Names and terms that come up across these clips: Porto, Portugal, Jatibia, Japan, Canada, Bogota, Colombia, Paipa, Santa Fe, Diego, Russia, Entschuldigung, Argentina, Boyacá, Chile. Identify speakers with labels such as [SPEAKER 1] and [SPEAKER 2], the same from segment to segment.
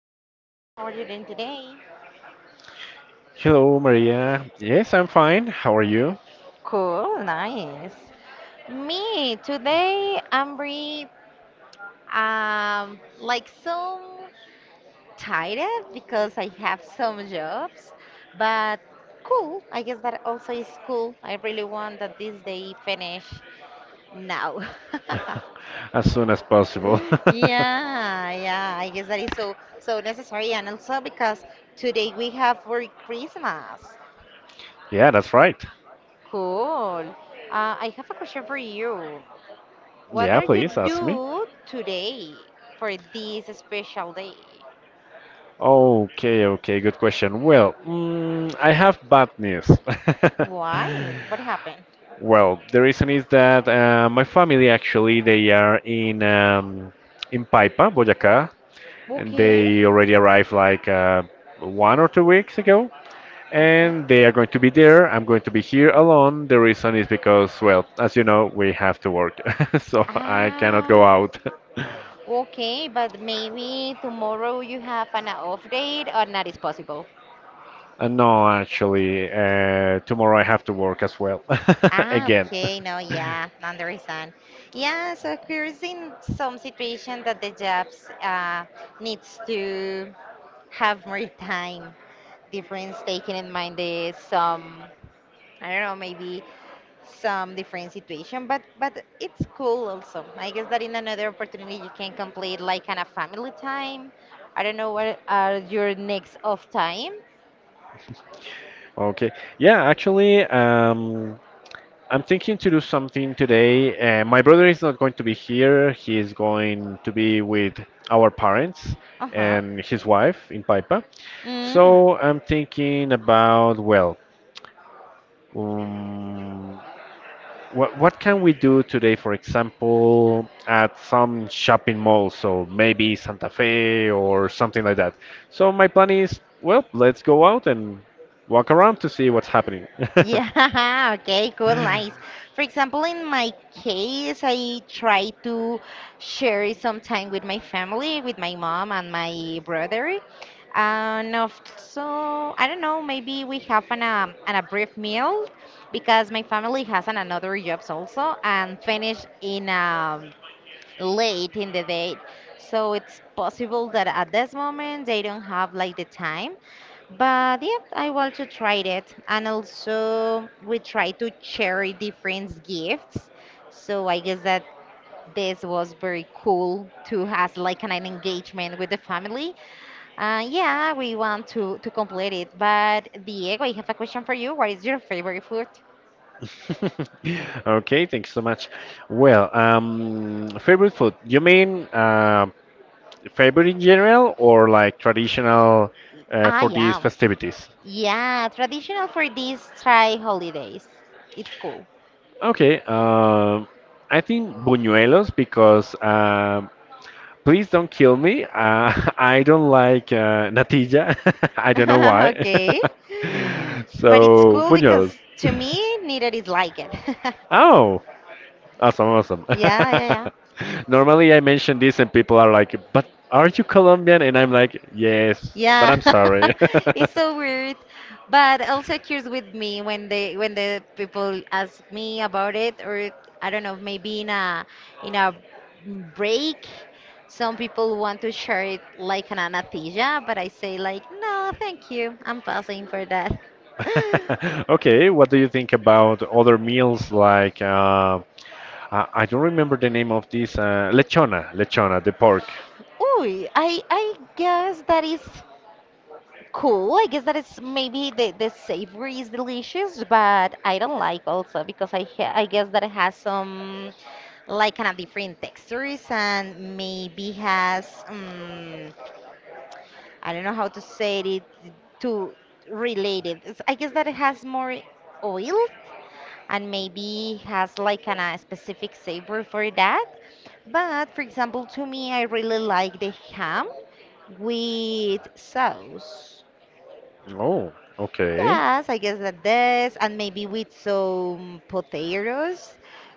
[SPEAKER 1] Diego. How are you doing today?
[SPEAKER 2] Hello, Maria. Yes, I'm fine. How are you?
[SPEAKER 1] Cool, nice. Me, today I'm re like so tired because I have some jobs, but cool. I guess that also is cool. I really want that this day finish now.
[SPEAKER 2] As soon as possible.
[SPEAKER 1] Yeah, yeah, I guess that is so so necessary and also because today we have for Christmas.
[SPEAKER 2] Yeah, that's right.
[SPEAKER 1] Cool. I have a question for you. What
[SPEAKER 2] Yeah,
[SPEAKER 1] are
[SPEAKER 2] please
[SPEAKER 1] you
[SPEAKER 2] ask me.
[SPEAKER 1] do today for this special day?
[SPEAKER 2] Okay, okay, good question. Well, I have bad news.
[SPEAKER 1] Why? What happened?
[SPEAKER 2] Well, the reason is that my family actually they are in in Paipa, Boyacá, and
[SPEAKER 1] Okay.
[SPEAKER 2] they already arrived like 1 or 2 weeks ago.
[SPEAKER 1] Okay.
[SPEAKER 2] And they are going to be there. I'm going to be here alone. The reason is because, well, as you know, we have to work, so I cannot go
[SPEAKER 1] Ah,
[SPEAKER 2] out.
[SPEAKER 1] okay, but maybe tomorrow you have an off date or not is possible.
[SPEAKER 2] No, actually, tomorrow I have to work as well,
[SPEAKER 1] Ah,
[SPEAKER 2] again.
[SPEAKER 1] okay, no, yeah, understand. Yeah, so occurs in some situation that the jobs needs to have more time. Difference taken in mind is some, I don't know, maybe some different situation, but it's cool also. I guess that in another opportunity you can complete like kind of family time. I don't know what are your next off time.
[SPEAKER 2] Okay. Yeah, actually, I'm thinking to do something today. My brother is not going to be here. He is going to be with our parents
[SPEAKER 1] Uh-huh.
[SPEAKER 2] and his wife in Paipa.
[SPEAKER 1] Mm.
[SPEAKER 2] So I'm thinking about, well, Um, what can we do today, for example, at some shopping malls, so maybe Santa Fe or something like that. So my plan is, well, let's go out and walk around to see what's happening.
[SPEAKER 1] Yeah, okay, cool, nice. For example, in my case, I try to share some time with my family, with my mom and my brother. And also, I don't know, maybe we have an a brief meal because my family has another jobs also and finish in late in the day. So it's possible that at this moment they don't have like the time, but yeah, I want to try it. And also, we try to share different gifts. So I guess that this was very cool to have like an engagement with the family. Yeah, we want to complete it. But Diego, I have a question for you. What is your favorite food?
[SPEAKER 2] Okay, thanks so much. Well, favorite food? You mean favorite in general or like traditional
[SPEAKER 1] I
[SPEAKER 2] for these
[SPEAKER 1] am.
[SPEAKER 2] festivities?
[SPEAKER 1] Yeah, traditional for these try holidays. It's cool.
[SPEAKER 2] Okay, I think buñuelos because please don't kill me. I don't like natilla. I don't know why.
[SPEAKER 1] Okay. But it's
[SPEAKER 2] So,
[SPEAKER 1] cool because
[SPEAKER 2] buñuelos.
[SPEAKER 1] to me, neither is like it.
[SPEAKER 2] Oh, awesome, awesome.
[SPEAKER 1] Yeah, yeah,
[SPEAKER 2] Normally, I mention this and people are like, but are you Colombian? And I'm like, yes, but
[SPEAKER 1] yeah.
[SPEAKER 2] I'm
[SPEAKER 1] Yeah.
[SPEAKER 2] sorry.
[SPEAKER 1] It's so weird, but also occurs with me when the people ask me about it, or I don't know, maybe in a break, some people want to share it like an anatilla, but I say like, "No, thank you. I'm passing for that."
[SPEAKER 2] Okay, what do you think about other meals like, I don't remember the name of this, lechona, the pork.
[SPEAKER 1] Ooh, I guess that is cool. I guess that is maybe the savory is delicious, but I don't like also because I guess that it has some like kind of different textures and maybe has I don't know how to say it to relate it. I guess that it has more oil and maybe has like kind of specific savor for that. But for example, to me, I really like the ham with sauce.
[SPEAKER 2] Oh, okay,
[SPEAKER 1] Yes, I guess that this, and maybe with some potatoes.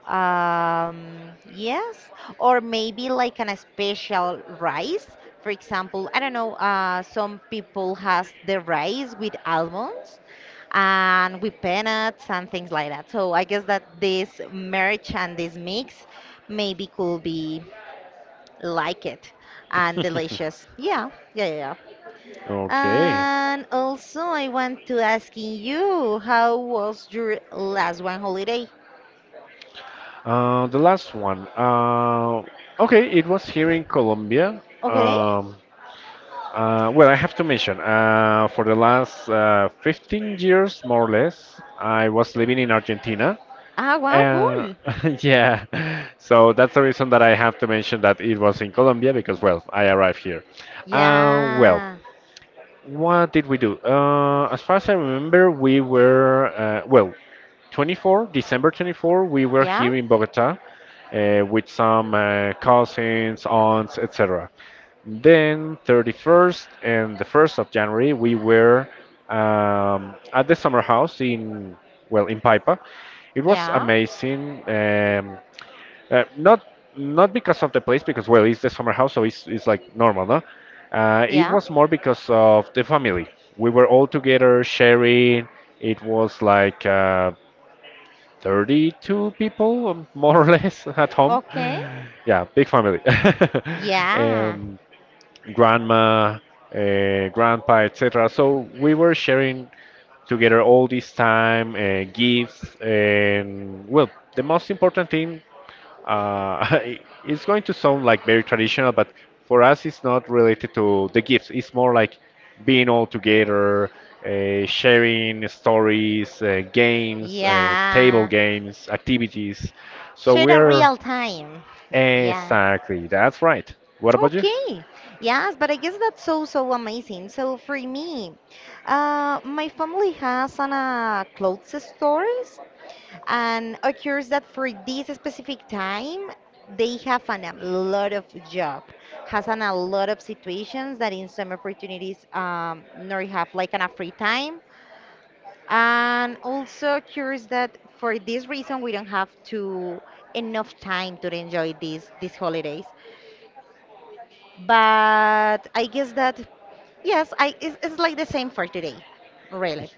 [SPEAKER 1] Yes, or maybe like an a special rice. For example, I don't know, some people has the rice with almonds and with peanuts and things like that. So I guess that this merge and this mix maybe could be like it and delicious. Yeah, yeah, yeah, yeah.
[SPEAKER 2] okay.
[SPEAKER 1] And also, I want to asking you, how was your last one holiday?
[SPEAKER 2] The last one. Okay, it was here in Colombia.
[SPEAKER 1] Okay.
[SPEAKER 2] Um, well, I have to mention, for the last 15 years, more or less, I was living in Argentina.
[SPEAKER 1] Ah, wow,
[SPEAKER 2] Uh,
[SPEAKER 1] cool.
[SPEAKER 2] yeah, so that's the reason that I have to mention that it was in Colombia because, well, I arrived here. Well,
[SPEAKER 1] Yeah,
[SPEAKER 2] what did we do? As far as I remember, we were, well, 24, December 24, we were
[SPEAKER 1] yeah,
[SPEAKER 2] here in Bogota with some cousins, aunts, etc. Then 31st and the 1st of January, we were at the summer house in, well, in Paipa. It was
[SPEAKER 1] yeah,
[SPEAKER 2] amazing. Not not because of the place, because well, it's the summer house, so it's like normal, no? It
[SPEAKER 1] yeah,
[SPEAKER 2] was more because of the family. We were all together sharing. It was like 32 people, more or less, at home.
[SPEAKER 1] okay,
[SPEAKER 2] Yeah, big family.
[SPEAKER 1] yeah,
[SPEAKER 2] um, grandma, grandpa, etc. So we were sharing together all this time, gifts, and well, the most important thing uh, it's going to sound like very traditional, but for us, it's not related to the gifts. It's more like being all together, sharing stories, games, table
[SPEAKER 1] yeah.
[SPEAKER 2] games, activities. So
[SPEAKER 1] Share
[SPEAKER 2] we
[SPEAKER 1] a
[SPEAKER 2] are
[SPEAKER 1] real time. Yeah.
[SPEAKER 2] exactly that's right. What about you?
[SPEAKER 1] Okay. Yes, but I guess that's so so amazing. So for me, my family has an clothes store, and occurs that for this specific time they have a lot of job, has a lot of situations that in some opportunities nor have like a free time. And also occurs that for this reason we don't have to enough time to enjoy these holidays, but I guess that, yes, it's like the same for today, really.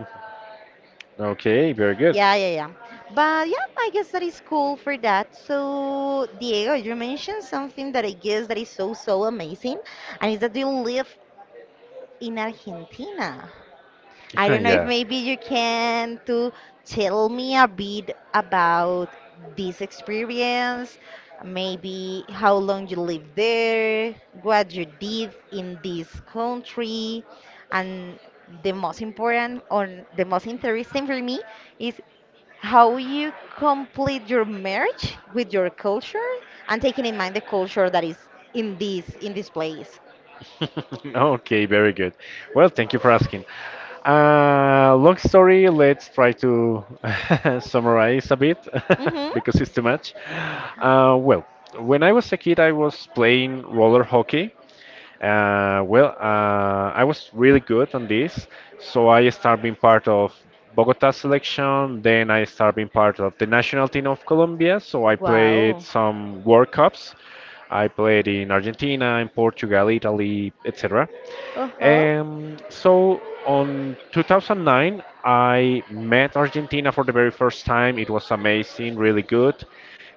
[SPEAKER 2] Okay, very good.
[SPEAKER 1] Yeah, yeah, yeah. But yeah, I guess that is cool for that. So, Diego, you mentioned something that I guess that is so, so amazing, and is that you live in Argentina. I don't know if
[SPEAKER 2] Yeah.
[SPEAKER 1] maybe you can to tell me a bit about this experience, maybe how long you lived there, what you did in this country, and the most important or the most interesting for me is how you complete your marriage with your culture and taking in mind the culture that is in this place.
[SPEAKER 2] Okay, very good. Well, thank you for asking. Long story, let's try to summarize a bit
[SPEAKER 1] Mm-hmm.
[SPEAKER 2] because it's too much. Well, when I was a kid, I was playing roller hockey. Well, I was really good on this, so I started being part of Bogota selection. Then I started being part of the national team of Colombia. So I played
[SPEAKER 1] Wow.
[SPEAKER 2] some World Cups. I played in Argentina, in Portugal, Italy, etc.
[SPEAKER 1] Uh-huh.
[SPEAKER 2] So on 2009, I met Argentina for the very first time. It was amazing, really good.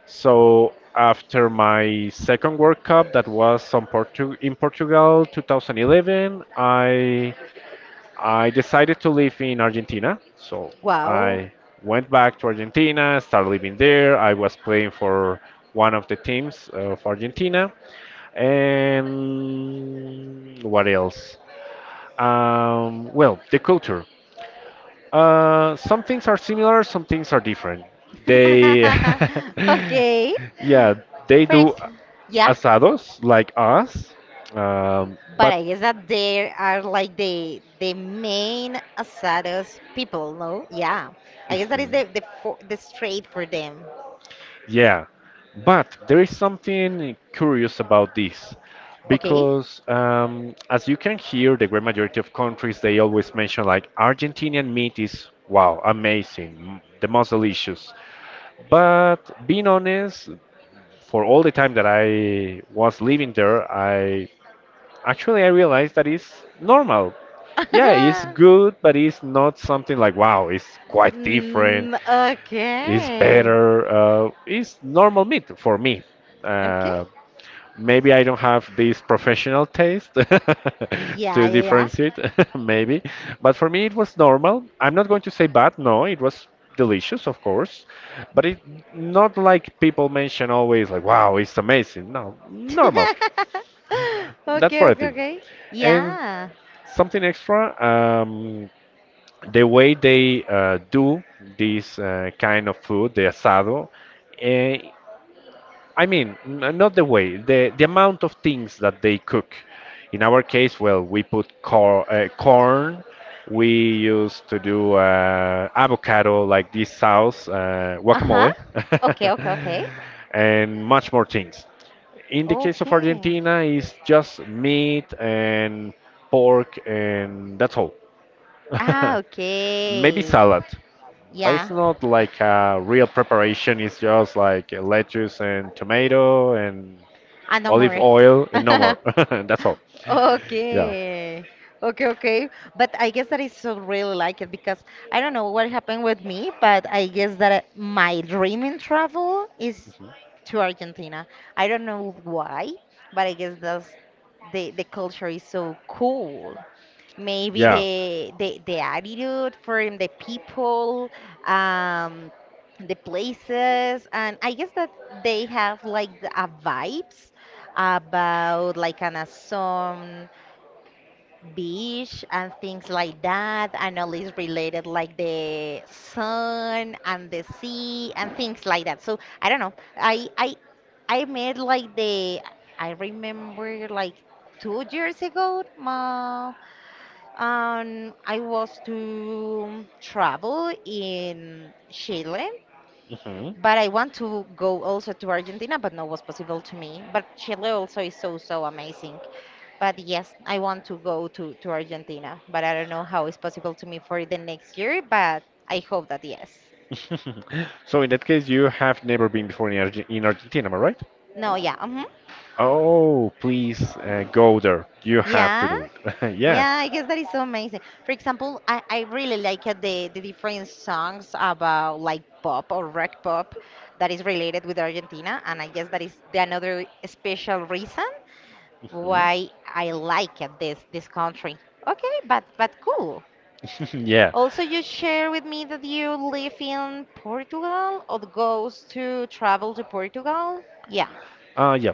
[SPEAKER 2] So after my second World Cup, that was on Portugal 2011, I decided to live in Argentina. So
[SPEAKER 1] Wow.
[SPEAKER 2] I went back to Argentina, started living there. I was playing for one of the teams of Argentina. And what else? Well, the culture. Some things are similar, some things are different. They,
[SPEAKER 1] Okay.
[SPEAKER 2] yeah, they
[SPEAKER 1] For ex-
[SPEAKER 2] do
[SPEAKER 1] yeah,
[SPEAKER 2] asados like us,
[SPEAKER 1] but
[SPEAKER 2] but
[SPEAKER 1] I guess that there are like the main asados people, no? Yeah. I guess that is the straight for them.
[SPEAKER 2] yeah, but there is something curious about this
[SPEAKER 1] Okay.
[SPEAKER 2] because, as you can hear, the great majority of countries they always mention like Argentinian meat is wow, amazing, the most delicious. But being honest, for all the time that I was living there, I actually I realized that it's normal. Yeah, it's good, but it's not something like wow, it's quite different.
[SPEAKER 1] Mm,
[SPEAKER 2] It's
[SPEAKER 1] okay.
[SPEAKER 2] better. It's normal meat for me.
[SPEAKER 1] Okay.
[SPEAKER 2] Uh, Maybe I don't have this professional taste
[SPEAKER 1] Yeah,
[SPEAKER 2] to
[SPEAKER 1] yeah, yeah.
[SPEAKER 2] differentiate, maybe. But for me, it was normal. I'm not going to say bad, no, it was delicious, of course. But it not like people mention always, like, wow, it's amazing. No, normal. That's
[SPEAKER 1] Okay,
[SPEAKER 2] what I
[SPEAKER 1] okay,
[SPEAKER 2] think.
[SPEAKER 1] okay.
[SPEAKER 2] And
[SPEAKER 1] Yeah.
[SPEAKER 2] something extra, the way they do this kind of food, the asado, uh, I mean, not the way, the amount of things that they cook. In our case, well, we put corn, we used to do avocado, like this sauce,
[SPEAKER 1] Uh-huh.
[SPEAKER 2] guacamole,
[SPEAKER 1] Okay, okay, okay.
[SPEAKER 2] and much more things. In the case of
[SPEAKER 1] Okay.
[SPEAKER 2] Argentina, it's just meat and pork, and that's all.
[SPEAKER 1] Ah,
[SPEAKER 2] Maybe
[SPEAKER 1] okay.
[SPEAKER 2] salad, but it's
[SPEAKER 1] Yeah.
[SPEAKER 2] not like a real preparation, it's just like lettuce and tomato and
[SPEAKER 1] I know
[SPEAKER 2] olive
[SPEAKER 1] more.
[SPEAKER 2] oil, and no more. That's all. Yeah,
[SPEAKER 1] Okay. Okay, okay. But I guess that is so really like it because I don't know what happened with me, but I guess that my dream in travel is to Argentina. I don't know why, but I guess that's the culture is so cool, maybe
[SPEAKER 2] yeah.
[SPEAKER 1] the attitude from the people, um the places. And I guess that they have like a vibes about like an awesome beach and things like that, and all is related like the sun and the sea and things like that. So I don't know, i met like the I remember like 2 years ago ma. I was to travel in Chile,
[SPEAKER 2] Mhm.
[SPEAKER 1] but I want to go also to Argentina, but no, was possible to me. But Chile also is so, so amazing. But yes, I want to go to Argentina, but I don't know how it's possible to me for the next year, but I hope that yes.
[SPEAKER 2] So in that case, you have never been before in, Argentina, am I right?
[SPEAKER 1] No, yeah. Mhm.
[SPEAKER 2] Oh, please go there. You have to
[SPEAKER 1] Yeah.
[SPEAKER 2] do it. Yeah.
[SPEAKER 1] Yeah, I guess that is so amazing. For example, I really like the different songs about like pop or rock pop that is related with Argentina, and I guess that is the another special reason
[SPEAKER 2] Mhm.
[SPEAKER 1] why I like this country. Okay, but cool.
[SPEAKER 2] Yeah.
[SPEAKER 1] Also, you share with me that you live in Portugal or goes to travel to Portugal? Yeah.
[SPEAKER 2] Yeah.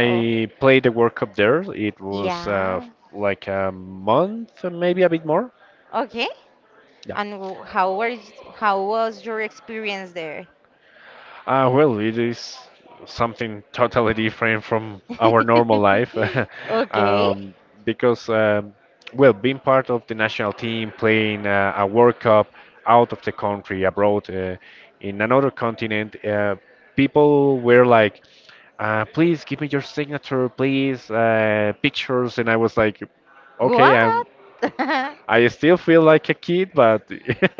[SPEAKER 1] Oh,
[SPEAKER 2] played the World Cup there. It was
[SPEAKER 1] yeah.
[SPEAKER 2] like a month, maybe a bit more.
[SPEAKER 1] Okay.
[SPEAKER 2] Yeah.
[SPEAKER 1] And how was your experience there?
[SPEAKER 2] Well, it is something totally different from our normal life
[SPEAKER 1] Okay.
[SPEAKER 2] um, because, well, being part of the national team, playing a World Cup out of the country, abroad, in another continent, people were like, please give me your signature, please, pictures. And I was like, okay, I'm
[SPEAKER 1] What?
[SPEAKER 2] I still feel like a kid, but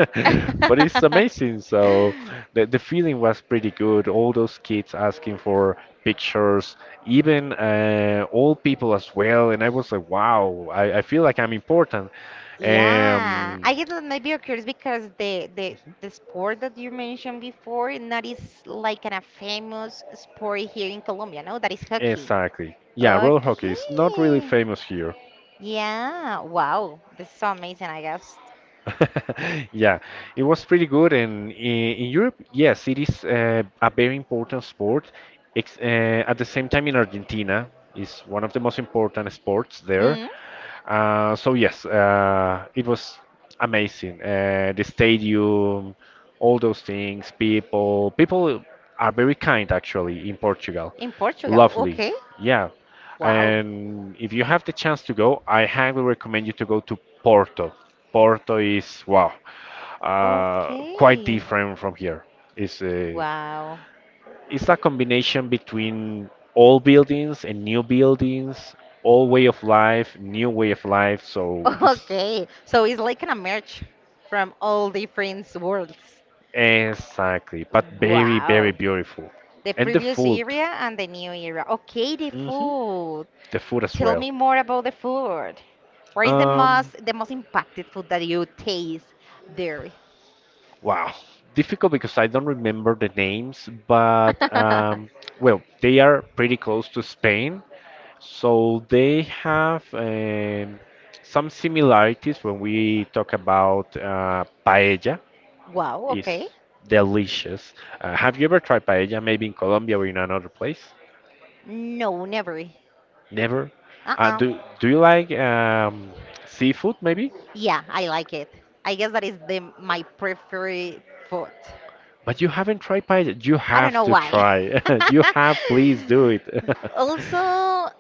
[SPEAKER 2] but it's amazing. So the feeling was pretty good. All those kids asking for pictures, even old people as well. And I was like, wow, I feel like I'm important.
[SPEAKER 1] Yeah,
[SPEAKER 2] Um,
[SPEAKER 1] I guess that maybe occurs because the sport that you mentioned before not is like a famous sport here in Colombia, no? That is hockey.
[SPEAKER 2] exactly. Yeah, roller hockey is not really
[SPEAKER 1] Okay.
[SPEAKER 2] famous here.
[SPEAKER 1] Yeah. Wow. This is so amazing, I guess.
[SPEAKER 2] Yeah, it was pretty good. And in Europe, yes, it is a very important sport. Ex At the same time, in Argentina, is one of the most important sports there.
[SPEAKER 1] Mm,
[SPEAKER 2] So yes, it was amazing. The stadium, all those things, people are very kind actually in Portugal.
[SPEAKER 1] in Portugal.
[SPEAKER 2] Lovely.
[SPEAKER 1] Okay.
[SPEAKER 2] Yeah.
[SPEAKER 1] Wow.
[SPEAKER 2] And if you have the chance to go, I highly recommend you to go to Porto. Porto is wow, quite
[SPEAKER 1] Okay.
[SPEAKER 2] different from here. It's a,
[SPEAKER 1] Wow.
[SPEAKER 2] it's a combination between old buildings and new buildings, old way of life, new way of life. So it's
[SPEAKER 1] Okay, so it's like a merge from all different worlds.
[SPEAKER 2] exactly, but very very
[SPEAKER 1] Wow.
[SPEAKER 2] beautiful,
[SPEAKER 1] The
[SPEAKER 2] and the
[SPEAKER 1] previous
[SPEAKER 2] food,
[SPEAKER 1] era and the new era. Okay, the
[SPEAKER 2] hmm
[SPEAKER 1] food.
[SPEAKER 2] the food as
[SPEAKER 1] Tell
[SPEAKER 2] well.
[SPEAKER 1] me more about the food. What is the
[SPEAKER 2] Um,
[SPEAKER 1] most the most impacted food that you taste there?
[SPEAKER 2] Wow, difficult because I don't remember the names, but well, they are pretty close to Spain, so they have some similarities when we talk about paella.
[SPEAKER 1] Wow,
[SPEAKER 2] It's
[SPEAKER 1] okay.
[SPEAKER 2] delicious. Have you ever tried paella? Maybe in Colombia or in another place?
[SPEAKER 1] No, never.
[SPEAKER 2] Never.
[SPEAKER 1] Uh-uh.
[SPEAKER 2] Do you like seafood? Maybe.
[SPEAKER 1] Yeah, I like it. I guess that is the my preferred food.
[SPEAKER 2] But you haven't tried paella. You
[SPEAKER 1] I don't
[SPEAKER 2] have
[SPEAKER 1] know
[SPEAKER 2] to
[SPEAKER 1] why.
[SPEAKER 2] try. You have. Please do it.
[SPEAKER 1] Also,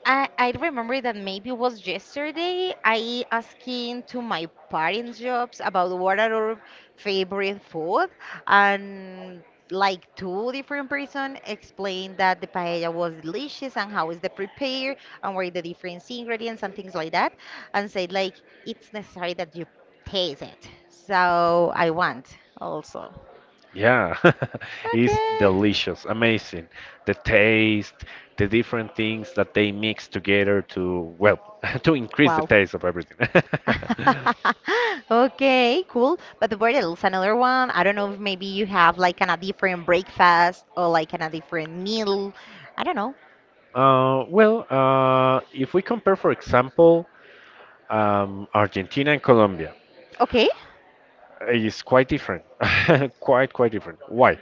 [SPEAKER 1] I remember that maybe it was yesterday I asking to my parents' jobs about what are our favorite food, and like two different person explained that the paella was delicious and how is the prepare and where the different ingredients and things like that, and said like it's necessary that you taste it. So I want also.
[SPEAKER 2] Yeah, it's
[SPEAKER 1] Okay.
[SPEAKER 2] delicious, amazing. The taste, the different things that they mix together to, well, to increase the
[SPEAKER 1] Wow.
[SPEAKER 2] taste of everything.
[SPEAKER 1] Okay, cool. But the burritos, another one. I don't know if maybe you have like a different breakfast or like a different meal. I don't know.
[SPEAKER 2] Well, if we compare, for example, Argentina and Colombia,
[SPEAKER 1] Okay.
[SPEAKER 2] is quite different, quite different. Why?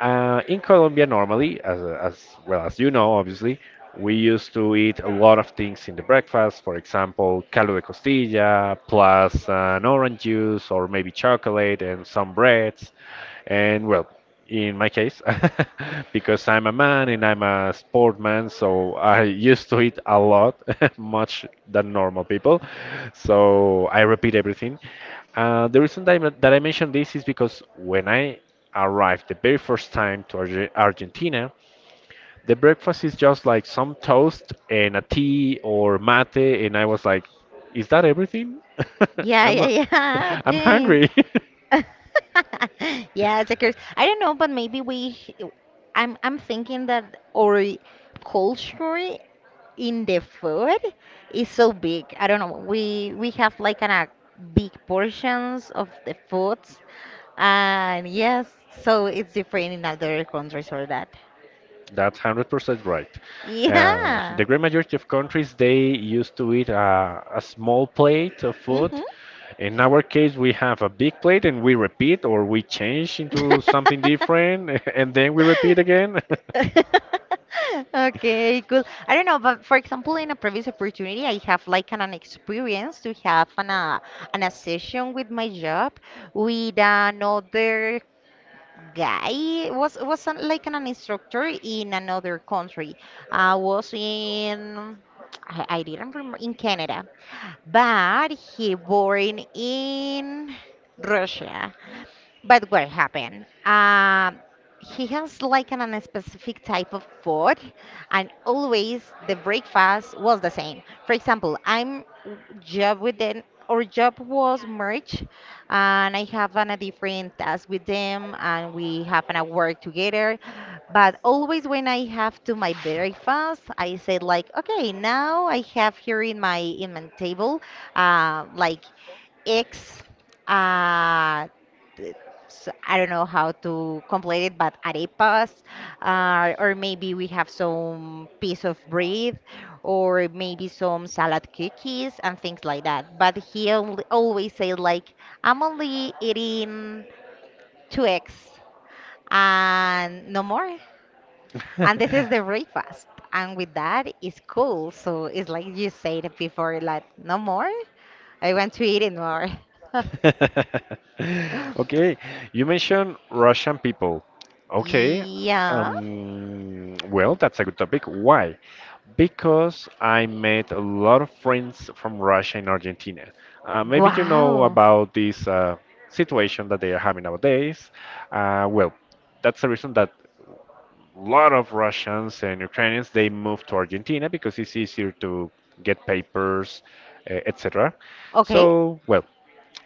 [SPEAKER 2] In Colombia, normally, as well as you know, obviously, we used to eat a lot of things in the breakfast. For example, caldo de costilla, plus an orange juice, or maybe chocolate and some breads, and well in my case because I'm a man and I'm a sportman, so I used to eat a lot, much than normal people. So I repeat everything. The reason that I mentioned this is because when I arrived the very first time to Argentina, the breakfast is just like some toast and a tea or mate, and I was like, "Is that everything?
[SPEAKER 1] Yeah,
[SPEAKER 2] I'm
[SPEAKER 1] yeah, yeah.
[SPEAKER 2] I'm
[SPEAKER 1] Okay.
[SPEAKER 2] hungry."
[SPEAKER 1] Yeah, it's a curse. I don't know, but maybe we. I'm thinking that our culture in the food is so big. I don't know. We have like a big portions of the food. And yes, so it's different in other countries for that.
[SPEAKER 2] That's 100% right. The
[SPEAKER 1] Yeah.
[SPEAKER 2] great majority of countries, they used to eat a small plate of
[SPEAKER 1] Mm-hmm.
[SPEAKER 2] food. In our case, we have a big plate and we repeat or we change into something different and then we repeat again.
[SPEAKER 1] Okay, cool. I don't know, but for example, in a previous opportunity, I have like an experience to have an a session with my job with another guy. It was an instructor in another country. I was in I didn't remember, in Canada. But he born in Russia. But what happened? He has like an unspecific type of food, and always the breakfast was the same. For example, job with them, or job was merge, and I have a different task with them, and we have a work together. But always when I have to my breakfast, I said like, okay, now I have here in my table, like X. Uh, th- I don't know how to complete it, but arepas, or maybe we have some piece of bread, or maybe some salad cookies and things like that. But he always says like, I'm only eating two eggs and no more. And this is the breakfast. And with that, it's cool. So it's like you said before, like, no more. I want to eat it more.
[SPEAKER 2] Okay, you mentioned Russian people. Okay,
[SPEAKER 1] Yeah.
[SPEAKER 2] well, that's a good topic. Why? Because I made a lot of friends from Russia and Argentina. Maybe you know
[SPEAKER 1] Wow.
[SPEAKER 2] about this situation that they are having nowadays. Well, that's the reason that lot of Russians and Ukrainians they moved to Argentina because it's easier to get papers, etc.
[SPEAKER 1] Okay.
[SPEAKER 2] So, well,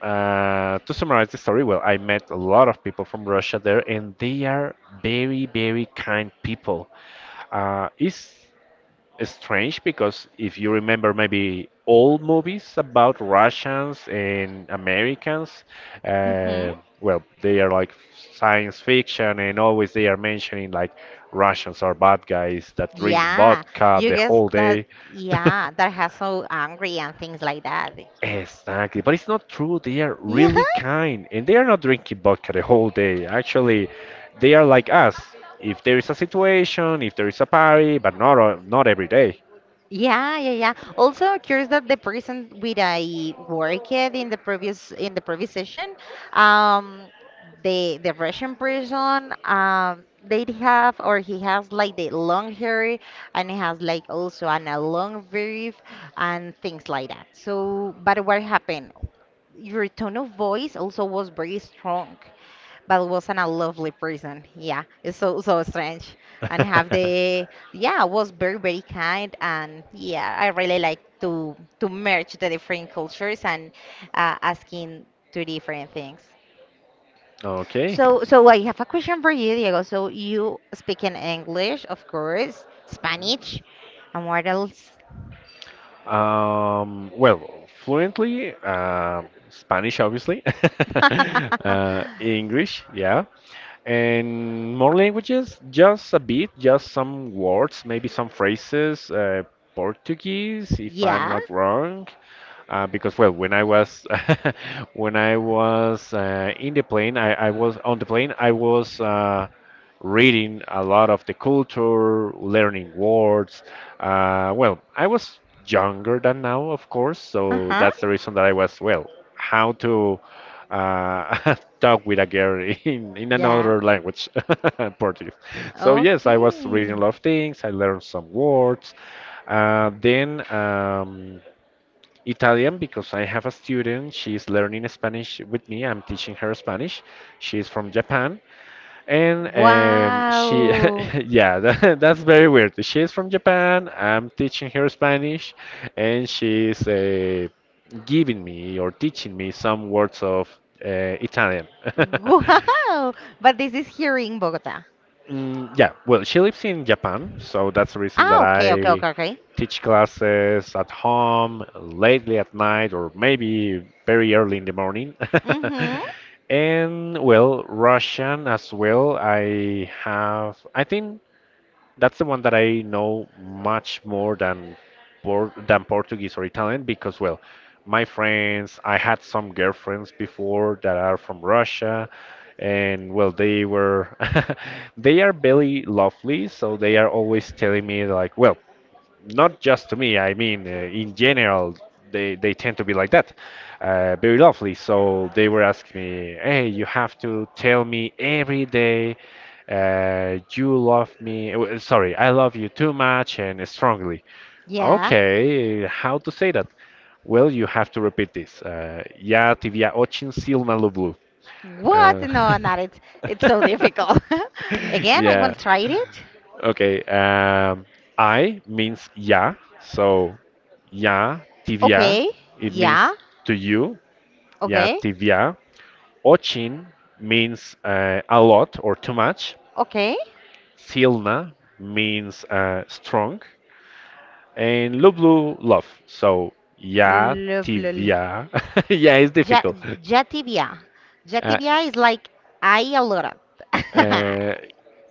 [SPEAKER 2] to summarize the story, I met a lot of people from Russia there, and they are very, very kind people. It's strange because if you remember maybe old movies about Russians and Americans,
[SPEAKER 1] Mm-hmm.
[SPEAKER 2] uh, they are like science fiction and always they are mentioning like Russians are bad guys that drink
[SPEAKER 1] Yeah.
[SPEAKER 2] vodka
[SPEAKER 1] You
[SPEAKER 2] the
[SPEAKER 1] guess
[SPEAKER 2] whole
[SPEAKER 1] that,
[SPEAKER 2] day.
[SPEAKER 1] yeah, that has so angry and things like that.
[SPEAKER 2] Exactly, but it's not true. They are
[SPEAKER 1] Yeah.
[SPEAKER 2] really kind and they are not drinking vodka the whole day. Actually, they are like us. If there is a situation, if there is a party, but not every day.
[SPEAKER 1] Yeah, yeah, yeah. Also, curious that the person with I worked in the previous session, um, the Russian person, they have or he has like the long hair and he has like also a long weave and things like that. So, but what happened? Your tone of voice also was very strong, but wasn't a lovely person. Yeah, it's so strange. And have the, yeah, was very very kind and yeah I really like to merge the different cultures and asking to different things.
[SPEAKER 2] Okay.
[SPEAKER 1] So I have a question for you, Diego. So you speak in English, of course, Spanish, and what else?
[SPEAKER 2] Um, well, Fluently, Spanish, obviously. English, yeah. And more languages, just a bit, just some words, maybe some phrases. Portuguese, if I'm
[SPEAKER 1] Yeah.
[SPEAKER 2] not wrong. Because well, when I was when I was in the plane, I was on the plane, I was reading a lot of the culture, learning words. I was younger than now, of course, so
[SPEAKER 1] Uh-huh.
[SPEAKER 2] that's the reason that I was, well, how to uh, talk with a girl in
[SPEAKER 1] Yeah.
[SPEAKER 2] another language, Portuguese. So yes, I was reading a
[SPEAKER 1] Okay.
[SPEAKER 2] lot of things. I learned some words. Then. Italian because I have a student. She is learning Spanish with me. I'm teaching her Spanish. She is from Japan, and
[SPEAKER 1] Wow.
[SPEAKER 2] yeah, that's very weird. She is from Japan. I'm teaching her Spanish, and she is giving me or teaching me some words of uh, Italian.
[SPEAKER 1] Wow. But this is here in Bogota.
[SPEAKER 2] Mm, yeah, well, she lives in Japan, so that's the reason that
[SPEAKER 1] Ah, okay, okay,
[SPEAKER 2] I
[SPEAKER 1] okay, okay.
[SPEAKER 2] teach classes at home, lately at night, or maybe very early in the morning.
[SPEAKER 1] Mm-hmm.
[SPEAKER 2] And well, Russian as well. I think that's the one that I know much more than Portuguese or Italian because, well, my friends, I had some girlfriends before that are from Russia, and well, they were they are very lovely, so they are always telling me like, well, not just to me. I mean, in general, they tend to be like that, very lovely. So they were asking me, "Hey, you have to tell me every day, you love me. Sorry, I love you too much and strongly."
[SPEAKER 1] Yeah.
[SPEAKER 2] Okay, how to say that? Well, you have to repeat this. Я тебя очень сильно люблю.
[SPEAKER 1] What?
[SPEAKER 2] Uh,
[SPEAKER 1] No, not it. It's so difficult. Again, I will
[SPEAKER 2] yeah.
[SPEAKER 1] try it.
[SPEAKER 2] Okay. I means yeah. So Ya tibia,
[SPEAKER 1] Okay.
[SPEAKER 2] it
[SPEAKER 1] Yeah.
[SPEAKER 2] means to you. Ya
[SPEAKER 1] Okay.
[SPEAKER 2] tibia. Ochin means a lot or too much.
[SPEAKER 1] Okay.
[SPEAKER 2] Silna means strong. And lublu, love. So, ya
[SPEAKER 1] Lovely.
[SPEAKER 2] tibia. Yeah, it's
[SPEAKER 1] Ja
[SPEAKER 2] difficult.
[SPEAKER 1] Jatibia.
[SPEAKER 2] Uh,
[SPEAKER 1] Jatibia is like I a lot.
[SPEAKER 2] uh,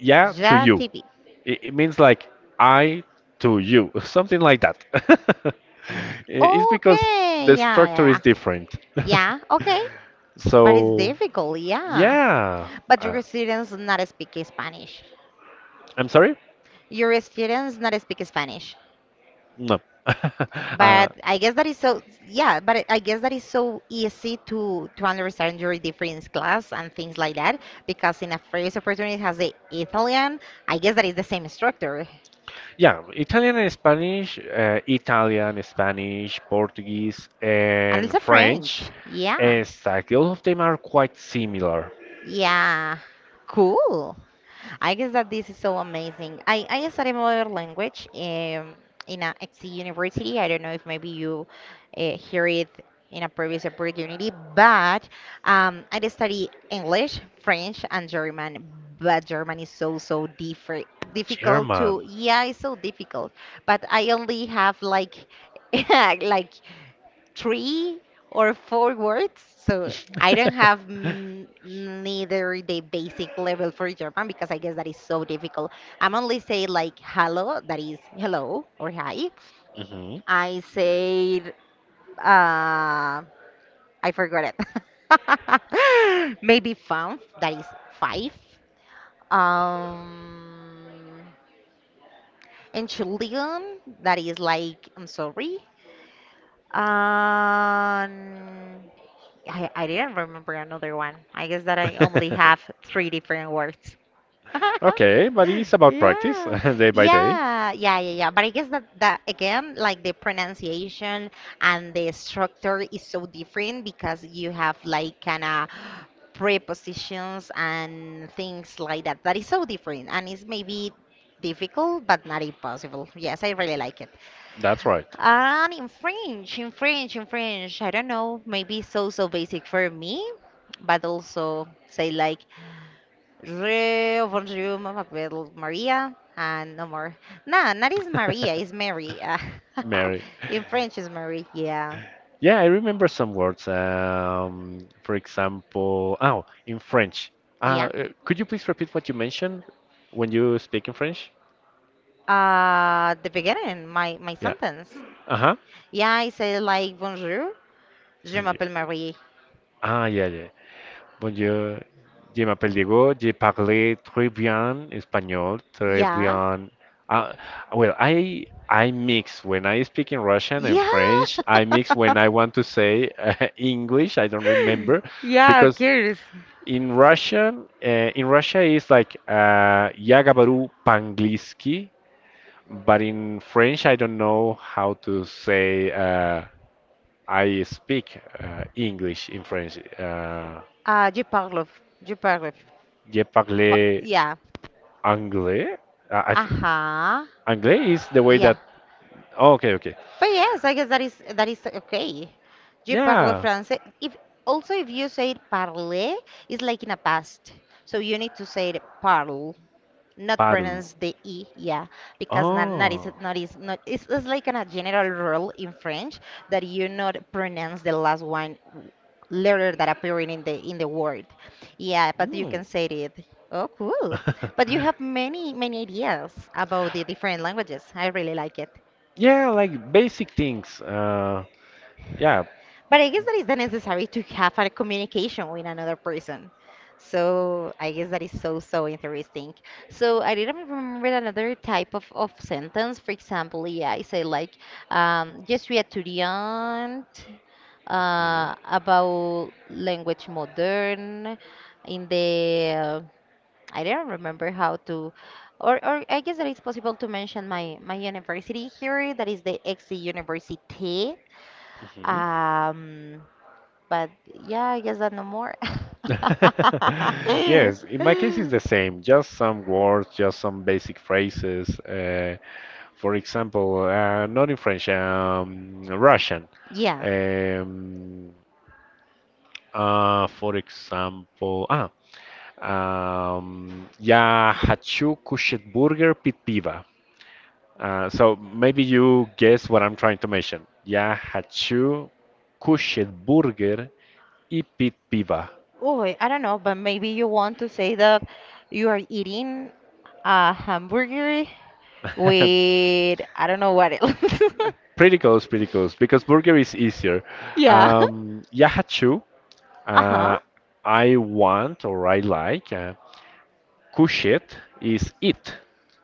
[SPEAKER 2] yeah, to you.
[SPEAKER 1] Jatibi.
[SPEAKER 2] It means like I to you, something like that. I- it's because
[SPEAKER 1] Okay.
[SPEAKER 2] the
[SPEAKER 1] Yeah, yeah,
[SPEAKER 2] structure is
[SPEAKER 1] yeah.
[SPEAKER 2] different.
[SPEAKER 1] Yeah, okay. But it's
[SPEAKER 2] So
[SPEAKER 1] difficult, yeah.
[SPEAKER 2] yeah.
[SPEAKER 1] But
[SPEAKER 2] Uh,
[SPEAKER 1] your students not speak Spanish.
[SPEAKER 2] I'm sorry?
[SPEAKER 1] Your students not speak Spanish.
[SPEAKER 2] No. uh,
[SPEAKER 1] But I guess that is so, yeah, but I guess that is so easy to understand your different class and things like that because in a first opportunity it has the Italian, I guess that is the same structure.
[SPEAKER 2] yeah, Italian and Spanish, Italian, Spanish, Portuguese,
[SPEAKER 1] And
[SPEAKER 2] and
[SPEAKER 1] also
[SPEAKER 2] French.
[SPEAKER 1] French. Yeah.
[SPEAKER 2] Exactly. All of them are quite similar.
[SPEAKER 1] Yeah. Cool. I guess that this is so amazing. I studied another language, in a XC university. I don't know if maybe you hear it in a previous opportunity, but I did study English, French, and German. But German is so different. Difficult
[SPEAKER 2] German.
[SPEAKER 1] to, yeah, it's so difficult. But I only have like, like three or four words. So I don't have neither the basic level for German because I guess that is so difficult. I'm only say like hello, that is hello or hi.
[SPEAKER 2] Hmm.
[SPEAKER 1] I said I forgot it. Maybe five, that is five. Um, Entschuldigung, that is like I'm sorry. Um, I didn't remember another one. I guess that I only have three different words.
[SPEAKER 2] Okay, but it's about practice,
[SPEAKER 1] Yeah.
[SPEAKER 2] day by day.
[SPEAKER 1] Yeah. Yeah. Yeah. Yeah. But I guess that, that again, like the pronunciation and the structure is so different because you have like kind of prepositions and things like that. That is so different and it's maybe difficult, but not impossible. Yes, I really like it.
[SPEAKER 2] That's right.
[SPEAKER 1] And in French, I don't know, maybe so basic for me, but also say like Re bonjour, Mama Bell Maria, and no more. Nah, not is Maria, is Mary.
[SPEAKER 2] Mary.
[SPEAKER 1] In French is Mary. Yeah,
[SPEAKER 2] Yeah, I remember some words. For example, oh, in French. Uh,
[SPEAKER 1] yeah.
[SPEAKER 2] could you please repeat what you mentioned when you speak in French?
[SPEAKER 1] The beginning, my
[SPEAKER 2] Yeah.
[SPEAKER 1] sentence.
[SPEAKER 2] Uh-huh.
[SPEAKER 1] Yeah, I say like bonjour, je
[SPEAKER 2] Bonjour.
[SPEAKER 1] m'appelle Marie.
[SPEAKER 2] Ah, yeah, yeah. Bonjour. Je m'appelle Diego. Je parle très bien espagnol, très
[SPEAKER 1] Yeah,
[SPEAKER 2] bien. Uh, I mix when I speak in Russian and
[SPEAKER 1] yeah,
[SPEAKER 2] French. I mix when I want to say English. I don't remember
[SPEAKER 1] yeah,
[SPEAKER 2] because
[SPEAKER 1] curious.
[SPEAKER 2] in Russian, in Russia is like "Я говорю по-английски," but in French, I don't know how to say I speak English in French.
[SPEAKER 1] Uh, je parle, je parle.
[SPEAKER 2] "Je
[SPEAKER 1] But
[SPEAKER 2] parle
[SPEAKER 1] yeah.
[SPEAKER 2] anglais." Uh, I, th-
[SPEAKER 1] Uh-huh.
[SPEAKER 2] Anglais is the way
[SPEAKER 1] Yeah.
[SPEAKER 2] that. Oh, okay, okay.
[SPEAKER 1] But yes, I guess that is okay. Je parle
[SPEAKER 2] Yeah,
[SPEAKER 1] français. If also if you say it parler, it's like in a past. So you need to say it parle. Not
[SPEAKER 2] parle.
[SPEAKER 1] pronounce the e, yeah, because
[SPEAKER 2] Oh,
[SPEAKER 1] not it's, it's like a general rule in French that you not pronounce the last one letter that appearing in the word, yeah, but you
[SPEAKER 2] mm.
[SPEAKER 1] can say it. Oh cool. But you have many ideas about the different languages, I really like it.
[SPEAKER 2] Yeah, like basic things. Yeah.
[SPEAKER 1] But I guess that is the necessary to have a communication with another person. So I guess that is interesting. So I didn't remember another type of sentence. For example, yeah, I say like, je suis étudiante,
[SPEAKER 2] Mhm,
[SPEAKER 1] about language modern, in the, I don't remember how to, or I guess that it's possible to mention my university here, that is the XC Université.
[SPEAKER 2] mhm.
[SPEAKER 1] Um, but yeah, I guess that no more.
[SPEAKER 2] Yes, in my case it's the same, just some words, just some basic phrases. For example, not in French, Russian.
[SPEAKER 1] Yeah.
[SPEAKER 2] Um, for example, ah, Я хочу кушать бургер пить пиво. So maybe you guess what I'm trying to mention. Я хочу кушать бургер и пить пиво.
[SPEAKER 1] Oh, I don't know, but maybe you want to say that you are eating a hamburger with I don't know what else.
[SPEAKER 2] Pretty close, because burger is easier.
[SPEAKER 1] Yeah.
[SPEAKER 2] Yahachu,
[SPEAKER 1] Uh-huh.
[SPEAKER 2] uh, I want or I like. Kushit is eat.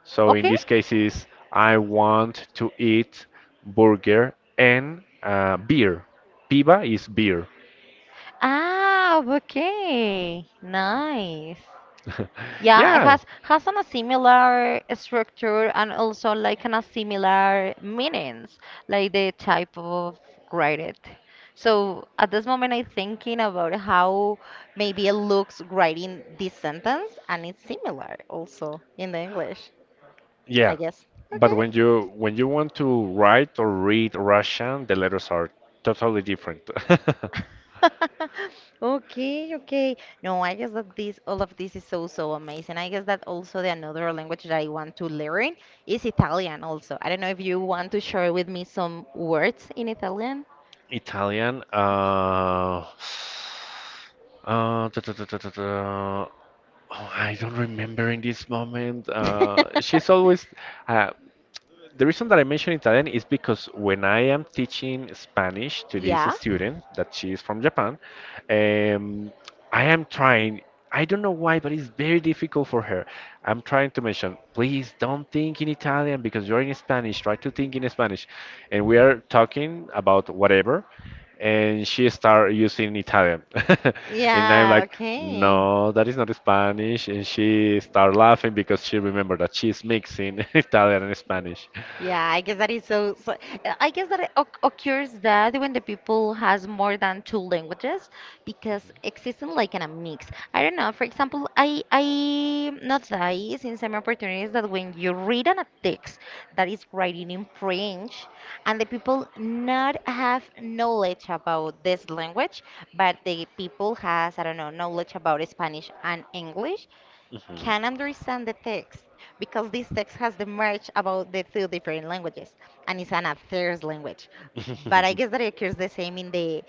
[SPEAKER 2] So in
[SPEAKER 1] Okay.
[SPEAKER 2] this case is I want to eat burger and beer. Piba is beer.
[SPEAKER 1] Ah, okay. Nice. Yeah, it
[SPEAKER 2] Yeah,
[SPEAKER 1] has an a similar structure and also like an a similar meanings, like the type of graded. So at this moment, I'm thinking about how maybe it looks writing this sentence, and it's similar also in the English, I
[SPEAKER 2] yeah.
[SPEAKER 1] guess.
[SPEAKER 2] But
[SPEAKER 1] Okay.
[SPEAKER 2] when you want to write or read Russian, the letters are totally different.
[SPEAKER 1] Okay, okay. No, I guess that this all of this is so so amazing. I guess that also the another language that I want to learn is Italian also. I don't know if you want to share with me some words in Italian.
[SPEAKER 2] Italian. Da, da, da, da, da, da. Oh, I don't remember in this moment. She's always. Uh, the reason that I mention Italian is because when I am teaching Spanish to this
[SPEAKER 1] Yeah.
[SPEAKER 2] student that she is from Japan, um, I am trying. I don't know why, but it's very difficult for her. I'm trying to mention, please don't think in Italian because you're in Spanish. Try to think in Spanish, and we are talking about whatever, and she start using Italian, and I'm
[SPEAKER 1] Yeah,
[SPEAKER 2] like,
[SPEAKER 1] okay.
[SPEAKER 2] no, that is not Spanish, and she start laughing because she remembered that she's mixing Italian and Spanish.
[SPEAKER 1] Yeah, I guess that is so, so I guess that it occurs that when the people has more than two languages because existing like in a mix. I don't know. For example, I notice in some opportunities that when you read on a text that is writing in French and the people not have knowledge about this language, but the people has I don't know knowledge about Spanish and English, can understand the text because this text has the merge about the two different languages and it's an affairs language. But I
[SPEAKER 2] Mhm.
[SPEAKER 1] guess that it occurs the same in the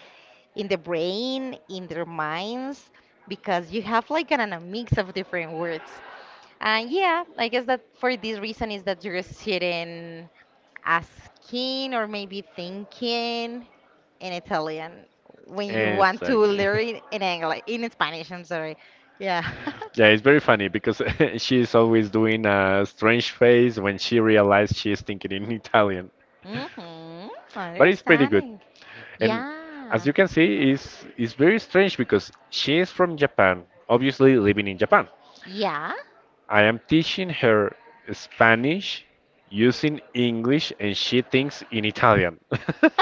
[SPEAKER 1] brain, in their minds, because you have like a mix of different words. And yeah, I guess that for this reason is that you're sitting asking or maybe thinking in Italian when you want to
[SPEAKER 2] Exactly.
[SPEAKER 1] learn in English, in Spanish, I'm sorry. Yeah.
[SPEAKER 2] Yeah, it's very funny because she's always doing a strange face when she realizes she's thinking in Italian.
[SPEAKER 1] Mm-hmm.
[SPEAKER 2] But it's pretty good.
[SPEAKER 1] Understanding.
[SPEAKER 2] And as
[SPEAKER 1] Yeah.
[SPEAKER 2] you can see, it's very strange because she is from Japan, obviously living in Japan.
[SPEAKER 1] Yeah.
[SPEAKER 2] I am teaching her Spanish using English and she thinks in Italian.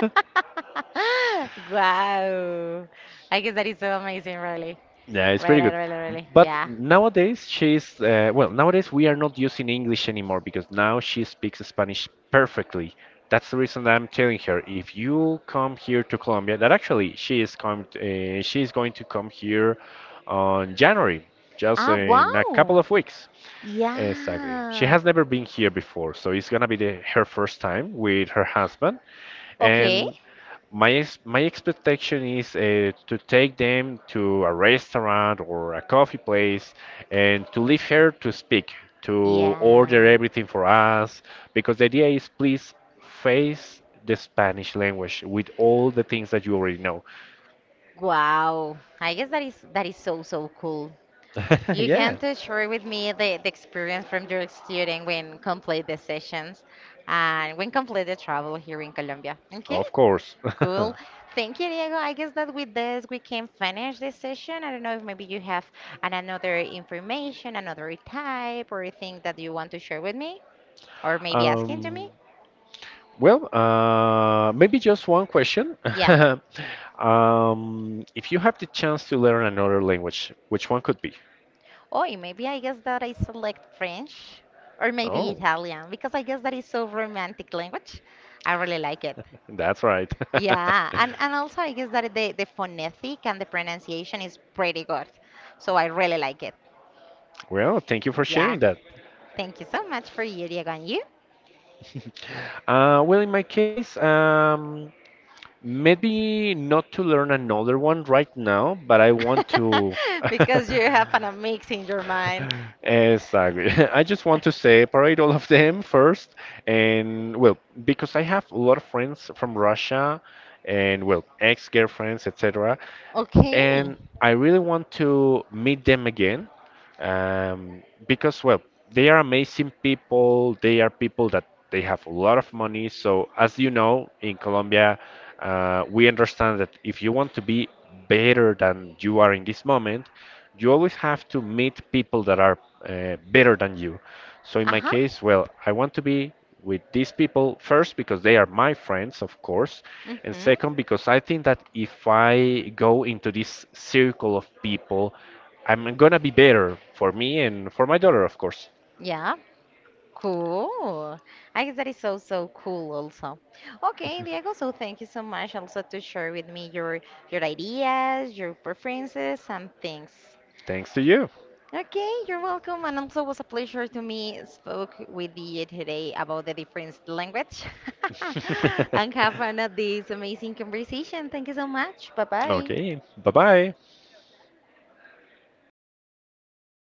[SPEAKER 1] Wow. I guess that is so amazing, really.
[SPEAKER 2] Yeah, it's pretty
[SPEAKER 1] Really,
[SPEAKER 2] good.
[SPEAKER 1] really, really.
[SPEAKER 2] But
[SPEAKER 1] Yeah.
[SPEAKER 2] nowadays she's nowadays we are not using English anymore because now she speaks Spanish perfectly. That's the reason that I'm telling her if you come here to Colombia, that actually she is going to come here on January, just
[SPEAKER 1] Ah,
[SPEAKER 2] in a couple
[SPEAKER 1] wow.
[SPEAKER 2] of weeks. Exactly. She
[SPEAKER 1] Yeah.
[SPEAKER 2] has never been here before, so it's gonna be her first time with her husband,
[SPEAKER 1] Okay.
[SPEAKER 2] and my expectation is to take them to a restaurant or a coffee place and to leave her to speak, to order
[SPEAKER 1] Yeah.
[SPEAKER 2] everything for us, because the idea is please face the Spanish language with all the things that you already know.
[SPEAKER 1] Wow. I guess that is so so cool. You can
[SPEAKER 2] Yeah.
[SPEAKER 1] to share with me the experience from your student when complete the sessions and when complete the travel here in Colombia. Okay?
[SPEAKER 2] Of course.
[SPEAKER 1] Cool. Thank you, Diego. I guess that with this we can finish this session. I don't know if maybe you have another information, another type, or thing that you want to share with me, or maybe asking to
[SPEAKER 2] Um,
[SPEAKER 1] me.
[SPEAKER 2] Maybe just one question.
[SPEAKER 1] Yeah.
[SPEAKER 2] If you have the chance to learn another language, which one could be?
[SPEAKER 1] Or maybe I guess that I select French, or maybe
[SPEAKER 2] Oh.
[SPEAKER 1] Italian, because I guess that is so romantic language. I really like it.
[SPEAKER 2] That's right.
[SPEAKER 1] Yeah, and also I guess that the phonetic and the pronunciation is pretty good. So I really like it.
[SPEAKER 2] Well, thank you for sharing
[SPEAKER 1] Yeah.
[SPEAKER 2] that.
[SPEAKER 1] Thank you so much for you, Diego, and you.
[SPEAKER 2] In my case, maybe not to learn another one right now, but I want to.
[SPEAKER 1] Because you have an a mix in your mind.
[SPEAKER 2] Exactly. I just want to separate all of them first. And, well, because I have a lot of friends from Russia and, well, ex-girlfriends, etc.
[SPEAKER 1] Okay.
[SPEAKER 2] And I really want to meet them again because, well, they are amazing people. They are people that they have a lot of money. So, as you know, in Colombia, we understand that if you want to be better than you are in this moment, you always have to meet people that are better than you. So, in my
[SPEAKER 1] Uh-huh.
[SPEAKER 2] case, well, I want to be with these people first because they are my friends, of course, and
[SPEAKER 1] Mm-hmm.
[SPEAKER 2] second because I think that if I go into this circle of people, I'm gonna be better for me and for my daughter, of course.
[SPEAKER 1] Yeah. Cool. I guess that is so, so cool also. Okay, Diego, so thank you so much also to share with me your ideas, your preferences and things.
[SPEAKER 2] Thanks to you.
[SPEAKER 1] Okay, you're welcome. And also was a pleasure to me spoke with you today about the different language and have another this amazing conversation. Thank you so much. Bye bye.
[SPEAKER 2] Okay, bye bye.